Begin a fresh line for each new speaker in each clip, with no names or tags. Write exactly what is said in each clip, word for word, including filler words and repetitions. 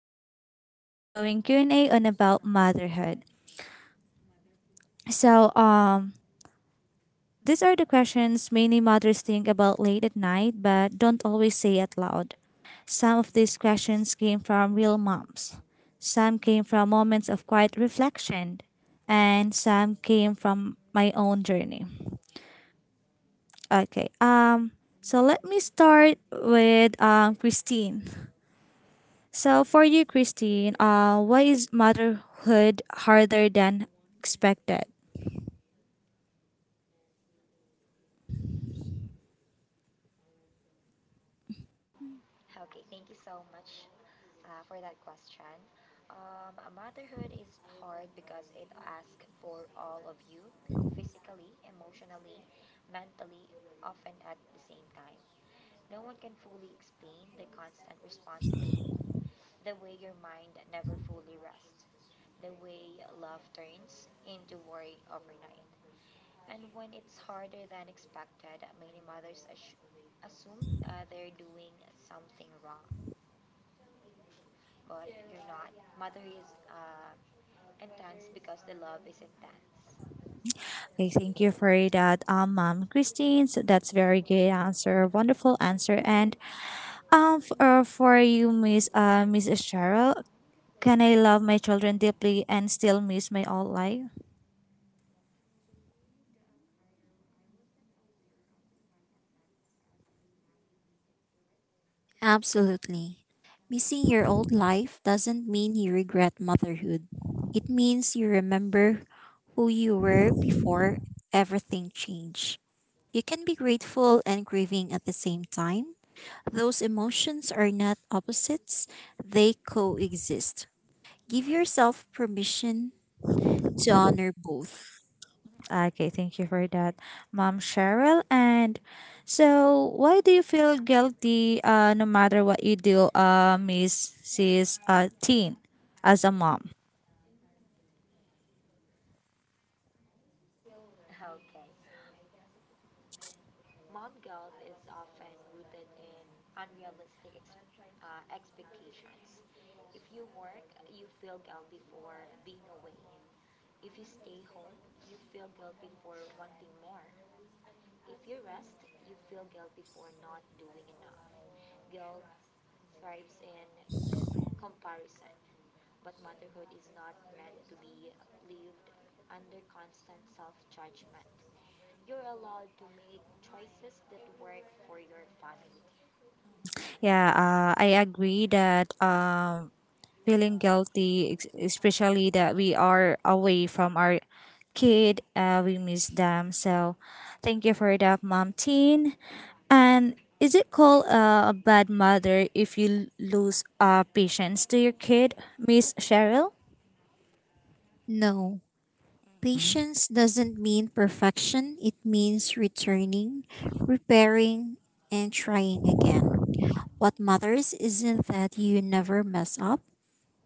little different. We're doing Q and A on about motherhood. So, um, these are the questions many mothers think about late at night but don't always say out loud. Some of these questions came from real moms. Some came from moments of quiet reflection, and some came from my own journey. Okay. Um so let me start with um Christine. So for you, Christine, uh, why is motherhood harder than expected?
Okay, thank you so much uh, for that question. Um, motherhood is hard because it asks for all of you physically, emotionally, mentally, often at the same time. No one can fully explain the constant responsibility, the way your mind never fully rests, the way love turns into worry overnight. And when it's harder than expected, many mothers assu- assume uh, they're doing something wrong but you're not. Mother is um, intense because the love is intense.
Okay,
Okay.
thank you for that, um, mom, Christine. So that's very good answer, wonderful answer. And um, for, uh, for you, Miss uh, Miss Cheryl, can I love my children deeply and still miss my old life?
Absolutely. Missing your old life doesn't mean you regret motherhood. It means you remember who you were before everything changed. You can be grateful and grieving at the same time. Those emotions are not opposites, they coexist. Give yourself permission to honor both.
Okay, thank you for that, mom, Cheryl. And so, why do you feel guilty? Uh, no matter what you do, uh, Miss Sis, uh, Teen, as a mom.
Okay. Mom guilt is often rooted in unrealistic ex- uh, expectations. If you work, you feel guilty for being away. If you stay home, you feel guilty for wanting more. If you rest, you feel guilt before not doing enough. Guilt thrives in comparison, but motherhood is not meant to be lived under constant self judgment. You're allowed to make choices that work for your family.
Yeah, uh, I agree that um, feeling guilty, ex- especially that we are away from our kid, uh, we miss them. So, thank you for that, Mom Teen. And is it called uh, a bad mother if you l- lose uh, patience to your kid, Miss Cheryl?
No, patience doesn't mean perfection, it means returning, repairing, and trying again. What matters isn't that you never mess up,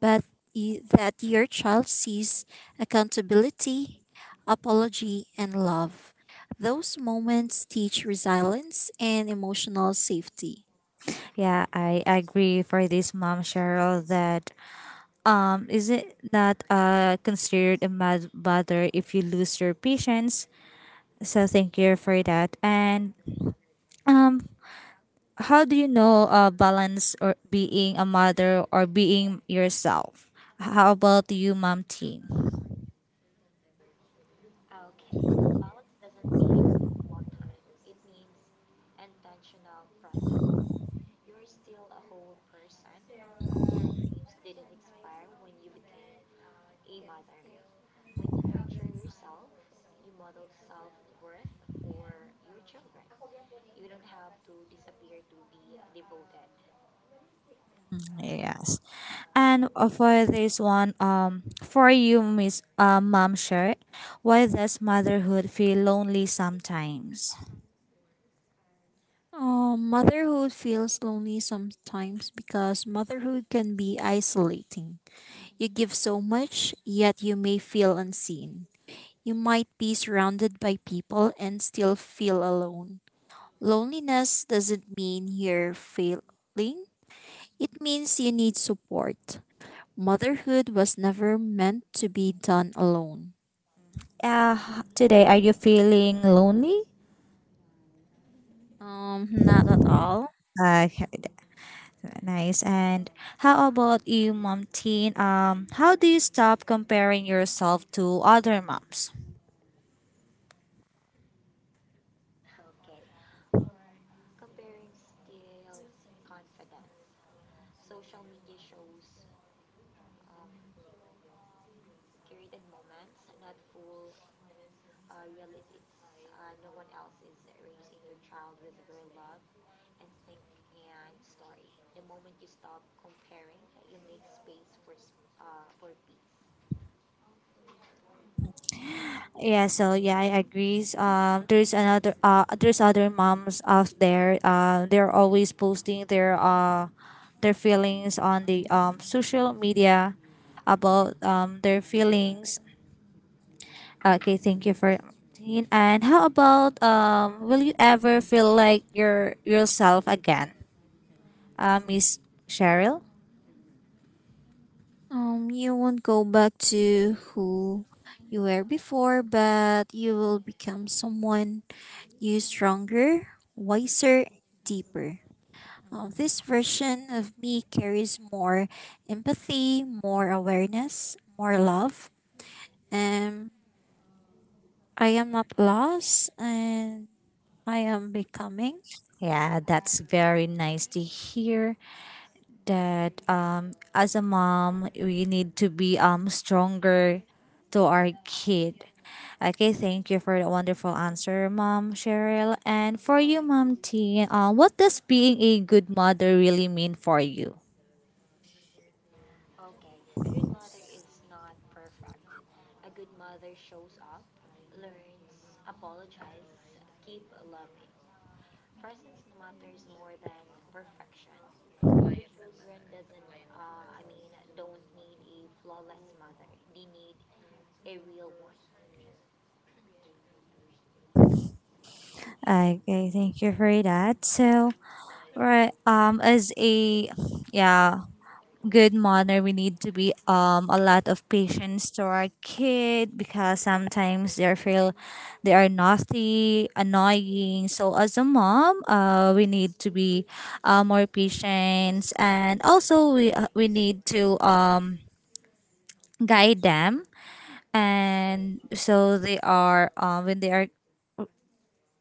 but y- that your child sees accountability, apology, and love. Those moments teach resilience and emotional safety.
Yeah, I agree for this mom Cheryl that um is it not uh considered a mad mother if you lose your patience. So thank you for that. And um, how do you know uh, balance or being a mother or being yourself? How about you, mom team?
Okay, balance doesn't mean more time. It means intentional presence. You're still a whole person. Your dreams didn't expire when you became a mother. When you nurture yourself, you model self worth for your children. You don't have to disappear to be devoted.
Yes. And uh, for this one, um, for you, Miss uh, Mom Sher, why does motherhood feel lonely sometimes?
Oh, motherhood feels lonely sometimes because motherhood can be isolating. You give so much, yet you may feel unseen. You might be surrounded by people and still feel alone. Loneliness doesn't mean you're failing, it means you need support. Motherhood was never meant to be done alone.
Uh, today, are you feeling lonely?
Um, not at all.
Okay. Nice. And how about you, Mom Teen? Um, how do you stop comparing yourself to other moms?
Okay, comparing steals confidence. Social media shows um, curated moments, not full uh, realities. Uh, no one else is raising your child with your love, instinct, and story. The moment you stop comparing, you make space for s- uh, for peace.
Yeah, so yeah, I agree. Um, there's another uh, there's other moms out there. Uh, they're always posting their uh, their feelings on the um social media about um their feelings. Okay, thank you for Teen. And how about um, will you ever feel like your yourself again, uh, Miss Cheryl?
Um, you won't go back to who you were before, but you will become someone you stronger, wiser, deeper. Um, this version of me carries more empathy, more awareness, more love, and I am not lost and I am becoming.
Yeah, that's very nice to hear that um as a mom we need to be um stronger to our kid. Okay, thank you for the wonderful answer, Mom Cheryl. And for you, Mom T, uh, what does being a good mother really mean for you?
Okay, a good mother is not perfect. A good mother shows up, learns, apologizes, keep loving. Presence matters more than perfection. The children doesn't, uh, I mean, don't need a flawless mother. They need a real one.
Okay, thank you for that. So, right, um, as a yeah, good mother we need to be um a lot of patience to our kid because sometimes they feel they are naughty annoying so as a mom uh we need to be uh, more patient, and also we uh, we need to um guide them, and so they are um when they are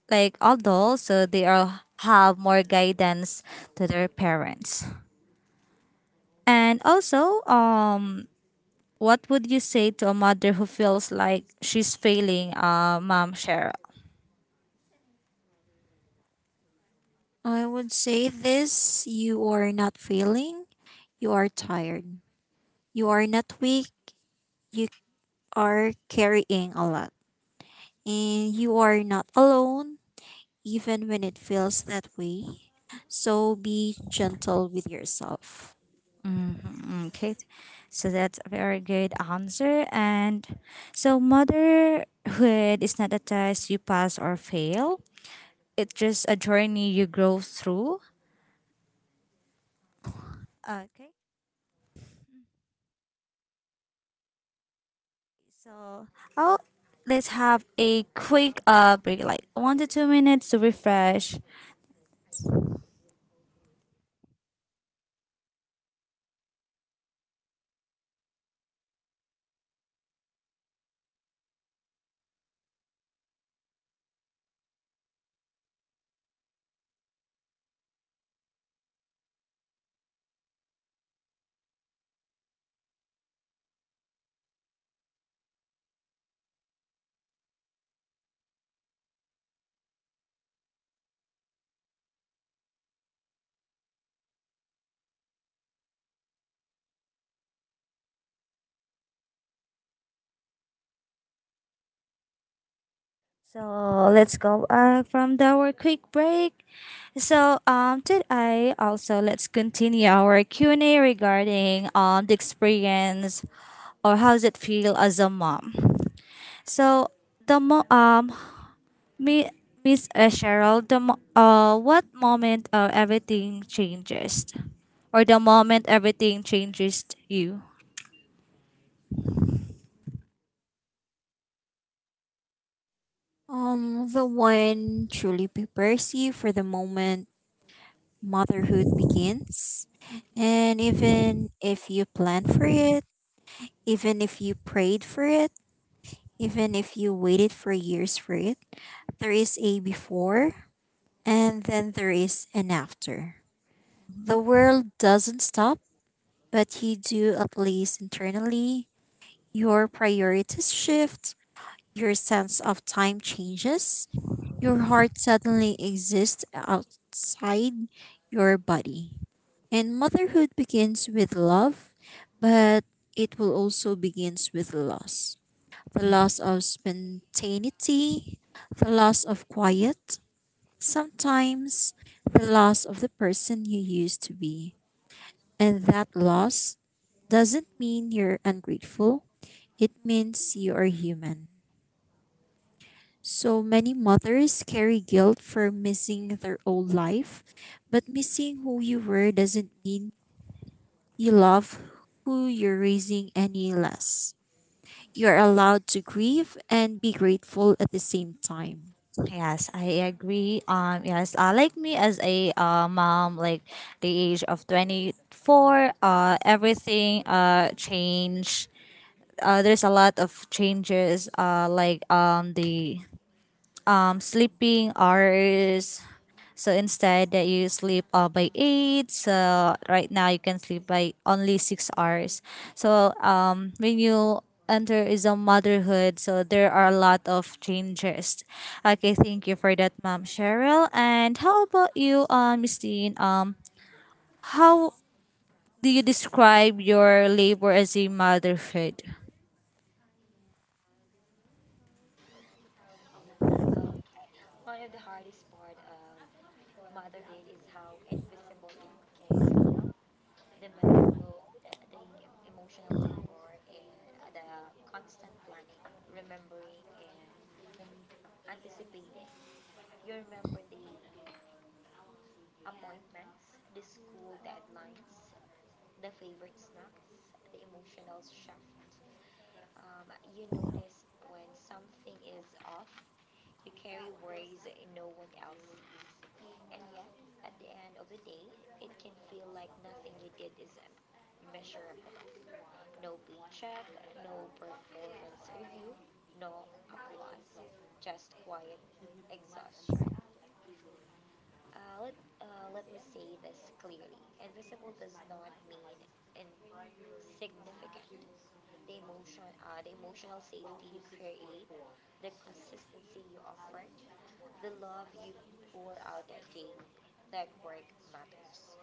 like adults so they are have more guidance to their parents. And also, um what would you say to a mother who feels like she's failing, uh, Mom Cheryl?
I would say this: you are not failing, you are tired. You are not weak, you are carrying a lot. And you are not alone, even when it feels that way. So be gentle with yourself.
Mm. Okay, so that's a very good answer. And so, motherhood is not a test you pass or fail, it's just a journey you grow through. Okay, so I'll, let's have a quick uh, break, like one to two minutes to refresh. So, let's go uh, from the our quick break. So, um, did I also let's continue our Q and A regarding um the experience or how does it feel as a mom. So the mo- um me Miss uh, Cheryl, the mo- uh what moment uh, everything changes, or the moment everything changes you.
Um, the one truly prepares you for the moment motherhood begins. And even if you plan for it, even if you prayed for it, even if you waited for years for it, there is a before and then there is an after. The world doesn't stop, but you do, at least internally. Your priorities shift, your sense of time changes, your heart suddenly exists outside your body. And motherhood begins with love, but it will also begins with loss. The loss of spontaneity, the loss of quiet, sometimes the loss of the person you used to be. And that loss doesn't mean you're ungrateful. It means you are human. So many mothers carry guilt for missing their old life, but missing who you were doesn't mean you love who you're raising any less. You're allowed to grieve and be grateful at the same time.
Yes, I agree. Um, yes, uh, like me as a uh, mom, like the age of twenty four, uh, everything uh changed. Uh, there's a lot of changes, uh, like um, the um, sleeping hours. So instead that you sleep uh, by eight, so right now you can sleep by only six hours. So um, when you enter is a motherhood, so there are a lot of changes. Okay, thank you for that, mom Cheryl. And how about you, um Christine? Um how do you describe your labor as a motherhood?
Okay. One of the hardest part of motherhood is how invisible it can feel. The mental load, the emotional labor, and the constant planning, remembering, and anticipating. You remember the appointments, the school deadlines, the favorite snacks, the emotional shift. Um, you notice when something is off, you carry worries no one else sees. And yet, at the end of the day, it can feel like nothing you did is measurable. No paycheck, no performance review, no applause, just quiet exhaustion. Uh, let, uh, let me say this clearly. Invisible does not mean insignificant. The emotion, uh, the emotional safety you create, the consistency you offer, the love you pour out at daily, that work matters.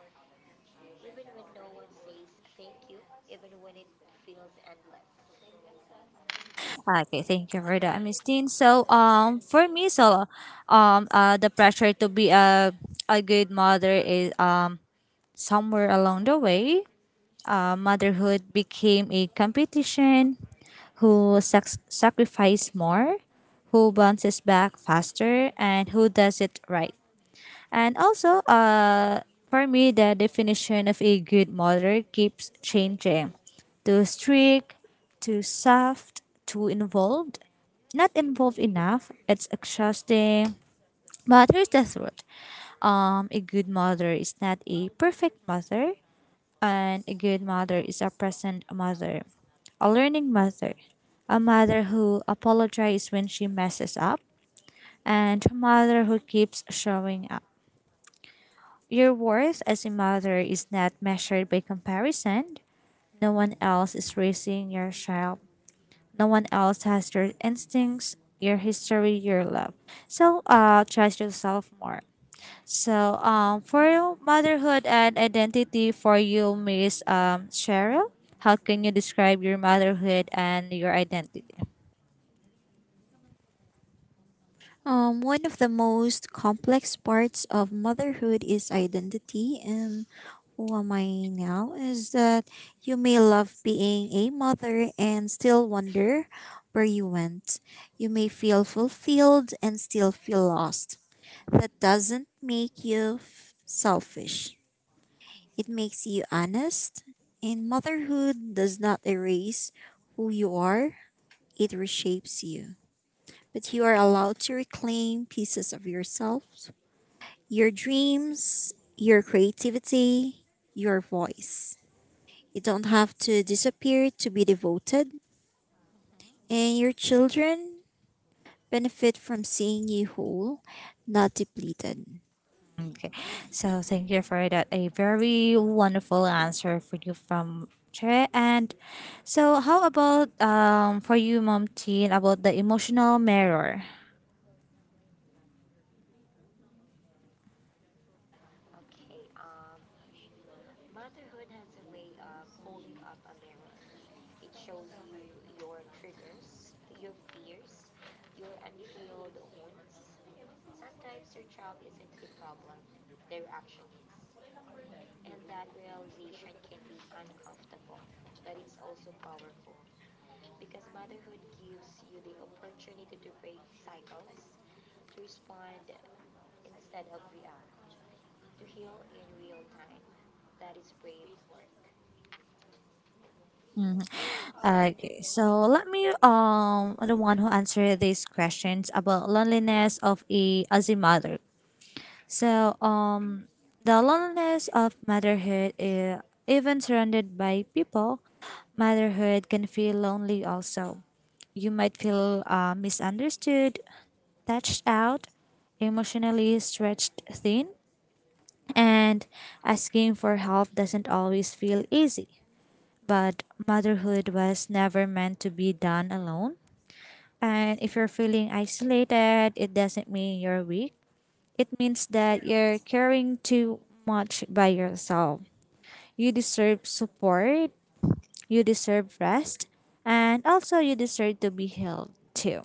Even when no one says thank you, even when it feels endless.
Okay, thank you for that, Miss Dean. So, um, for me, so, um, uh, the pressure to be a a good mother is um somewhere along the way, uh, motherhood became a competition. Who sac- sacrifice more, who bounces back faster, and who does it right. And also, uh, for me, the definition of a good mother keeps changing. Too strict, too soft, too involved. Not involved enough. It's exhausting. But here's the truth. Um, a good mother is not a perfect mother, and a good mother is a present mother, a learning mother, a mother who apologizes when she messes up, and a mother who keeps showing up. Your worth as a mother is not measured by comparison. No one else is raising your child. No one else has your instincts, your history, your love. So uh trust yourself more. So um for your motherhood and identity for you, Miss um Cheryl, how can you describe your motherhood and your identity?
Um, one of the most complex parts of motherhood is identity, and who am I now? Is that you may love being a mother and still wonder where you went. You may feel fulfilled and still feel lost. That doesn't make you f- selfish, it makes you honest. And motherhood does not erase who you are, it reshapes you, but you are allowed to reclaim pieces of yourself, your dreams, your creativity, your voice. You don't have to disappear to be devoted, and your children benefit from seeing you whole, not depleted.
Okay. So thank you for that. A very wonderful answer for you from Che. And so how about um for you, Mom Teen, about the emotional mirror?
Okay. Um, Motherhood has a way of holding up a mirror. It shows you your triggers, your fears, your unhealed wounds. Sometimes your child isn't the problem, their action is, and that realization can be uncomfortable, but it's also powerful because motherhood gives you the opportunity to break cycles, to respond instead of react, to heal in real time. That is brave work.
Okay. So let me um the one who answer these questions about loneliness of a as a mother. So um the loneliness of motherhood is even surrounded by people, motherhood can feel lonely also. You might feel uh, misunderstood, touched out, emotionally stretched thin, and asking for help doesn't always feel easy. But motherhood was never meant to be done alone. And if you're feeling isolated, it doesn't mean you're weak. It means that you're carrying too much by yourself. You deserve support, you deserve rest, and also you deserve to be healed too.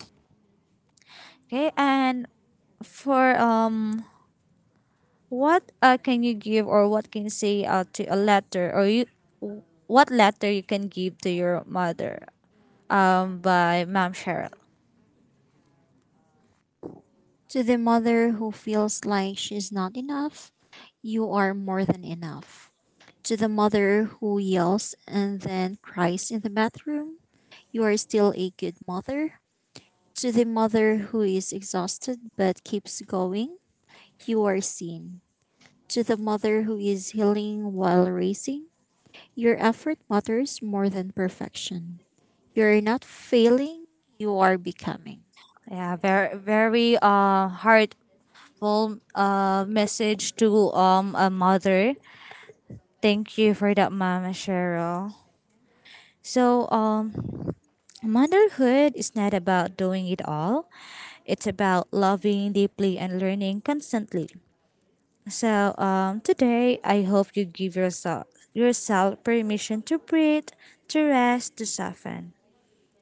Okay, and for um what uh, can you give or what can you say uh, to a letter or you what letter you can give to your mother, um by Ma'am Cheryl.
To the mother who feels like she's not enough, you are more than enough. To the mother who yells and then cries in the bathroom, you are still a good mother. To the mother who is exhausted but keeps going, you are seen. To the mother who is healing while racing, your effort matters more than perfection. You are not failing, you are becoming.
Yeah, very very uh heartful uh message to um a mother. Thank you for that, Mama Cheryl. So um motherhood is not about doing it all. It's about loving deeply and learning constantly. So um, today, I hope you give yourself yourself permission to breathe, to rest, to soften.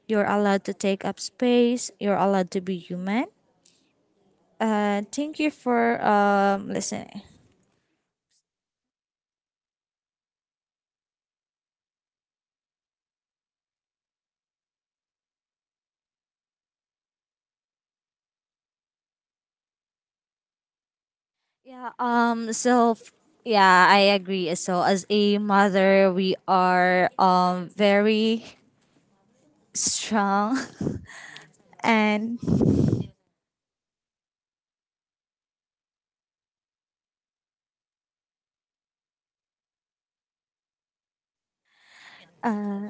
You're allowed to take up space. You're allowed to be human. Uh, thank you for um, listening. Yeah. Um. So. f- Yeah, I agree. So as a mother, we are um very strong and uh,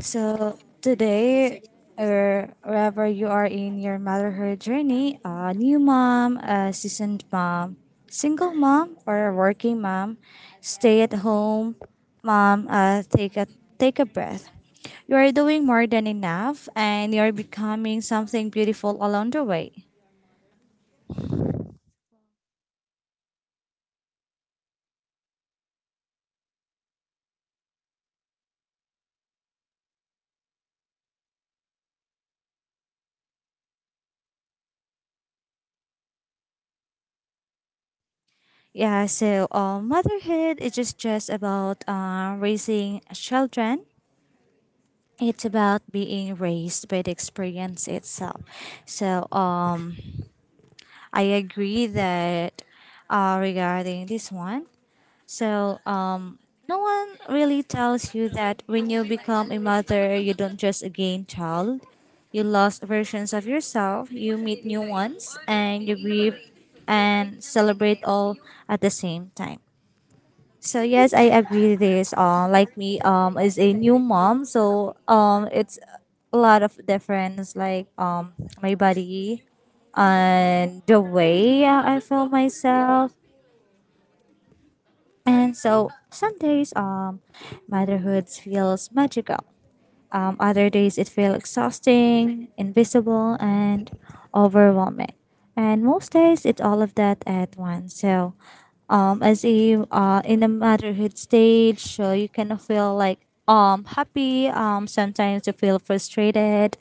So today, or wherever you are in your motherhood journey, a new mom, a seasoned mom, single mom, or a working mom, stay at home, mom, uh, take a take a breath. You are doing more than enough, and you are becoming something beautiful along the way. Yeah, so uh, motherhood is just, just about uh, raising children. It's about being raised by the experience itself. So um I agree that uh regarding this one. So um no one really tells you that when you become a mother you don't just gain child. You lost versions of yourself, you meet new ones, and you grieve and celebrate all at the same time. So yes, I agree with this. Uh, like me, um, is a new mom, so um, it's a lot of difference. Like um, my body, and the way I feel myself, and so some days um, motherhood feels magical. Um, other days it feels exhausting, invisible, and overwhelming. And most days it's all of that at once. So, um, as a uh, in the motherhood stage, so you kind of feel like um happy. Um, sometimes you feel frustrated,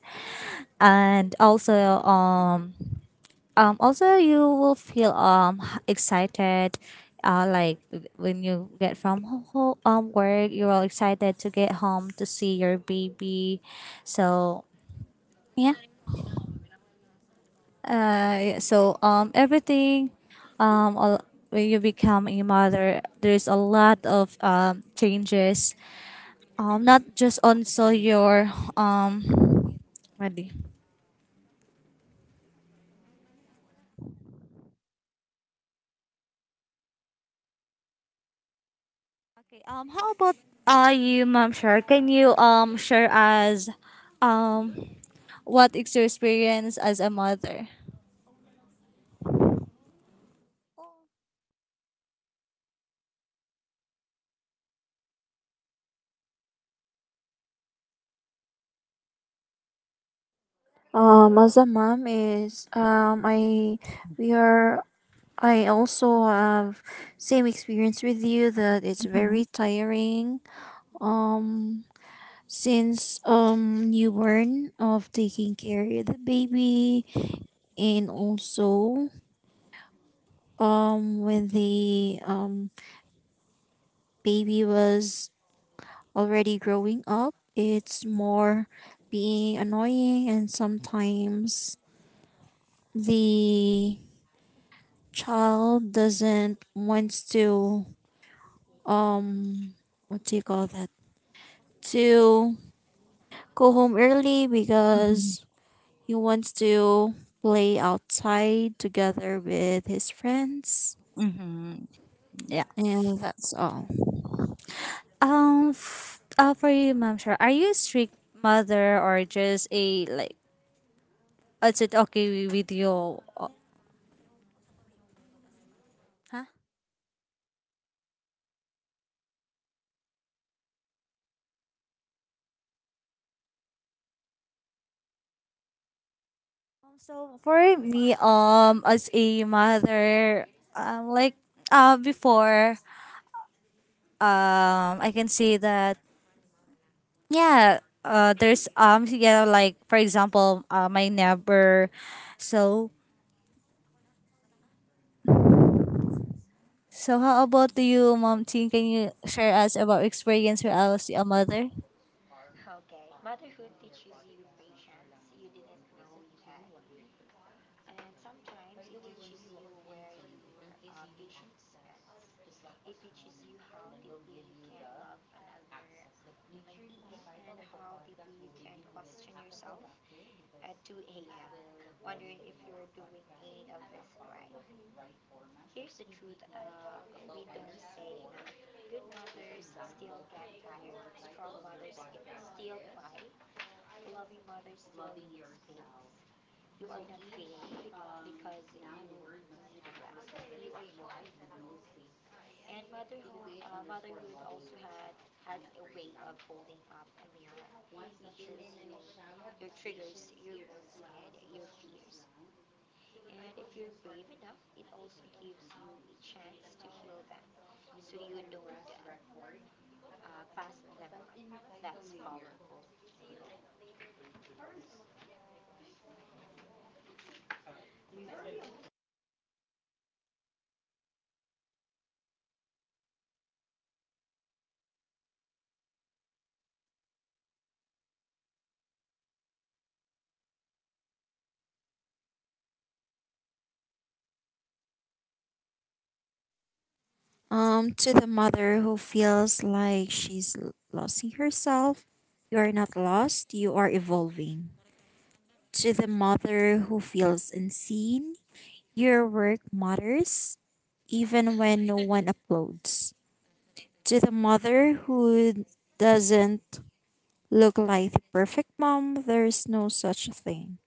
and also um um also you will feel um h- excited uh like w- when you get from ho- ho- um work, you're all excited to get home to see your baby. So yeah, uh yeah, so um everything um all, when you become a mother there's a lot of um changes, um not just on so your um ready. Okay. Um. How about uh you, Ma'am Shar? Can you um share us um what is your experience as a mother?
Um, as a mom is, um, I we are I also have same experience with you that it's
Mm-hmm.
very tiring. Um, since um newborn of taking care of the baby, and also um when the um baby was already growing up, it's more being annoying, and sometimes the child doesn't wants to, um what do you call that, to go home early because he wants to play outside together with his friends,
Mm-hmm. Yeah.
and that's all.
Um. F- uh, for you, Ma'am Shar, are you a strict mother or just a like? Is it okay with you? Uh, Huh? Um, So for me, um, as a mother, um, like uh, before, um, I can say that. Yeah, uh, there's um yeah like for example, uh, my neighbor. So so how about you, mom? Ting, can you share us about experience when I was a mother?
Okay, motherhood teaches you patience you didn't know you had, and sometimes it teaches you where your uh, patience ends. It teaches you how deeply you can love another human being and how deeply you can question yourself at two a m, wondering if you're doing any of this right. Here's the truth uh, we don't say enough good mothers still get tired, strong mothers get, still cry, loving mothers still make mistakes going to be, um, because you yes. And motherhood, uh, motherhood also had has a way of holding up a mirror, which is your, your triggers, your wants, and your fears. And if you're brave enough, it also gives you a chance to heal them, so you don't uh, uh, pass them on. That's powerful.
Um, to the mother who feels like she's l- losing herself, you are not lost, you are evolving. To the mother who feels unseen, your work matters even when no one uploads. To the mother who doesn't look like the perfect mom, there's no such thing.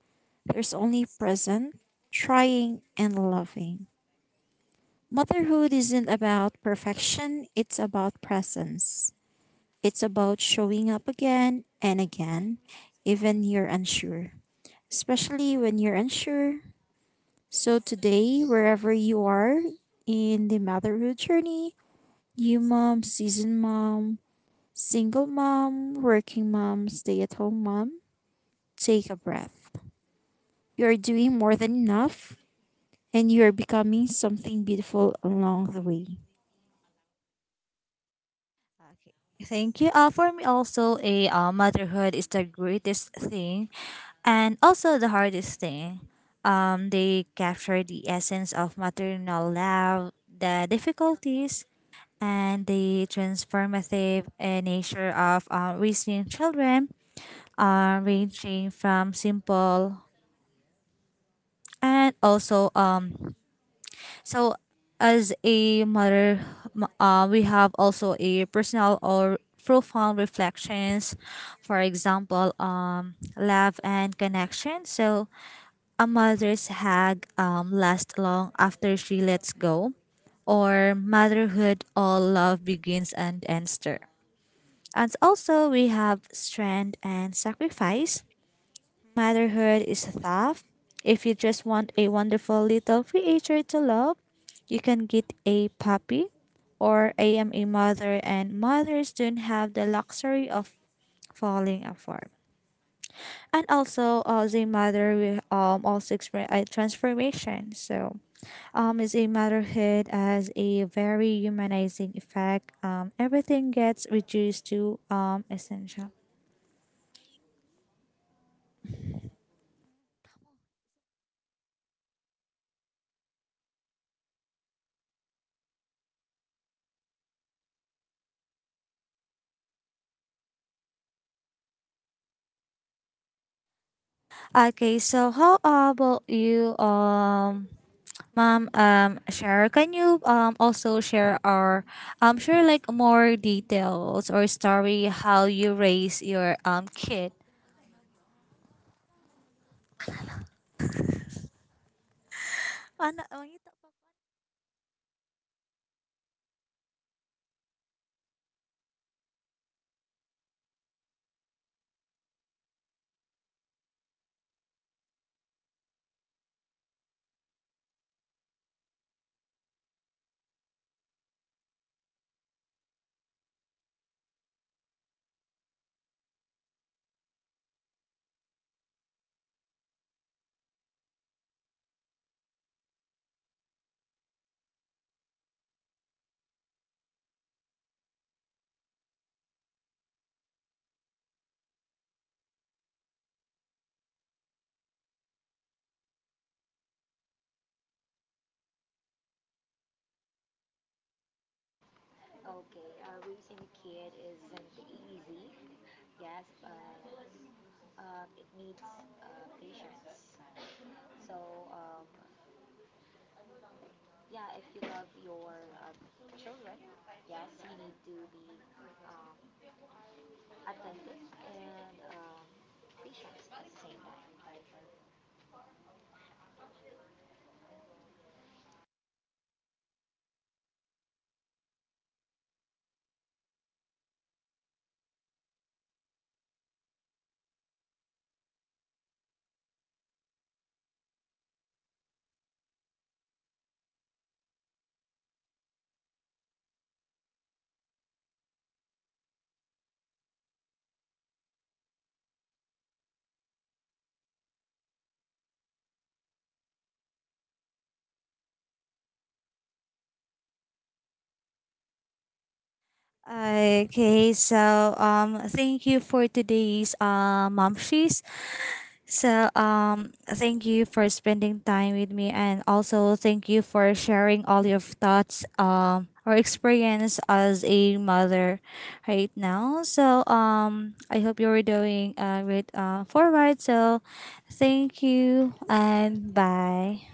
There's only present, trying, and loving. Motherhood isn't about perfection, it's about presence. It's about showing up again and again, even you're unsure, especially when you're unsure. So, today, wherever you are in the motherhood journey, you mom, seasoned mom, single mom, working mom, stay at home mom, take a breath. You're doing more than enough and you're becoming something beautiful along the way.
Okay. Thank you. Uh, for me also, a uh, motherhood is the greatest thing, and also the hardest thing. Um, they capture the essence of maternal love, the difficulties, and the transformative uh, nature of uh, raising children, uh, ranging from simple and also um so as a mother, m- uh, we have also a personal or profound reflections. For example, um love and connection. So a mother's hug um lasts long after she lets go, or motherhood all love begins and ends there. And also we have strength and sacrifice. Motherhood is tough. If you just want a wonderful little creature to love, you can get a puppy. Or I am a mother, and mothers don't have the luxury of falling apart. And also, uh, as a mother, we um also experience a transformation. So, um, as a motherhood has a very humanizing effect. Um, everything gets reduced to um essential. Okay, so how about you? Um, Ma'am, um, Share, can you um also share our um share like more details or story how you raise your um kid? Ano- ano yun?
Okay, uh, raising a kid isn't easy. Yes, uh, uh, it needs uh, patience. So, um, yeah, if you love your uh, children, yes, you need to be um, attentive and um, patient at the same time.
Okay, so um, thank you for today's uh, mom she's. So um, thank you for spending time with me, and also thank you for sharing all your thoughts, um or experience as a mother right now. So um, I hope you were doing uh, great uh forward. So thank you and bye.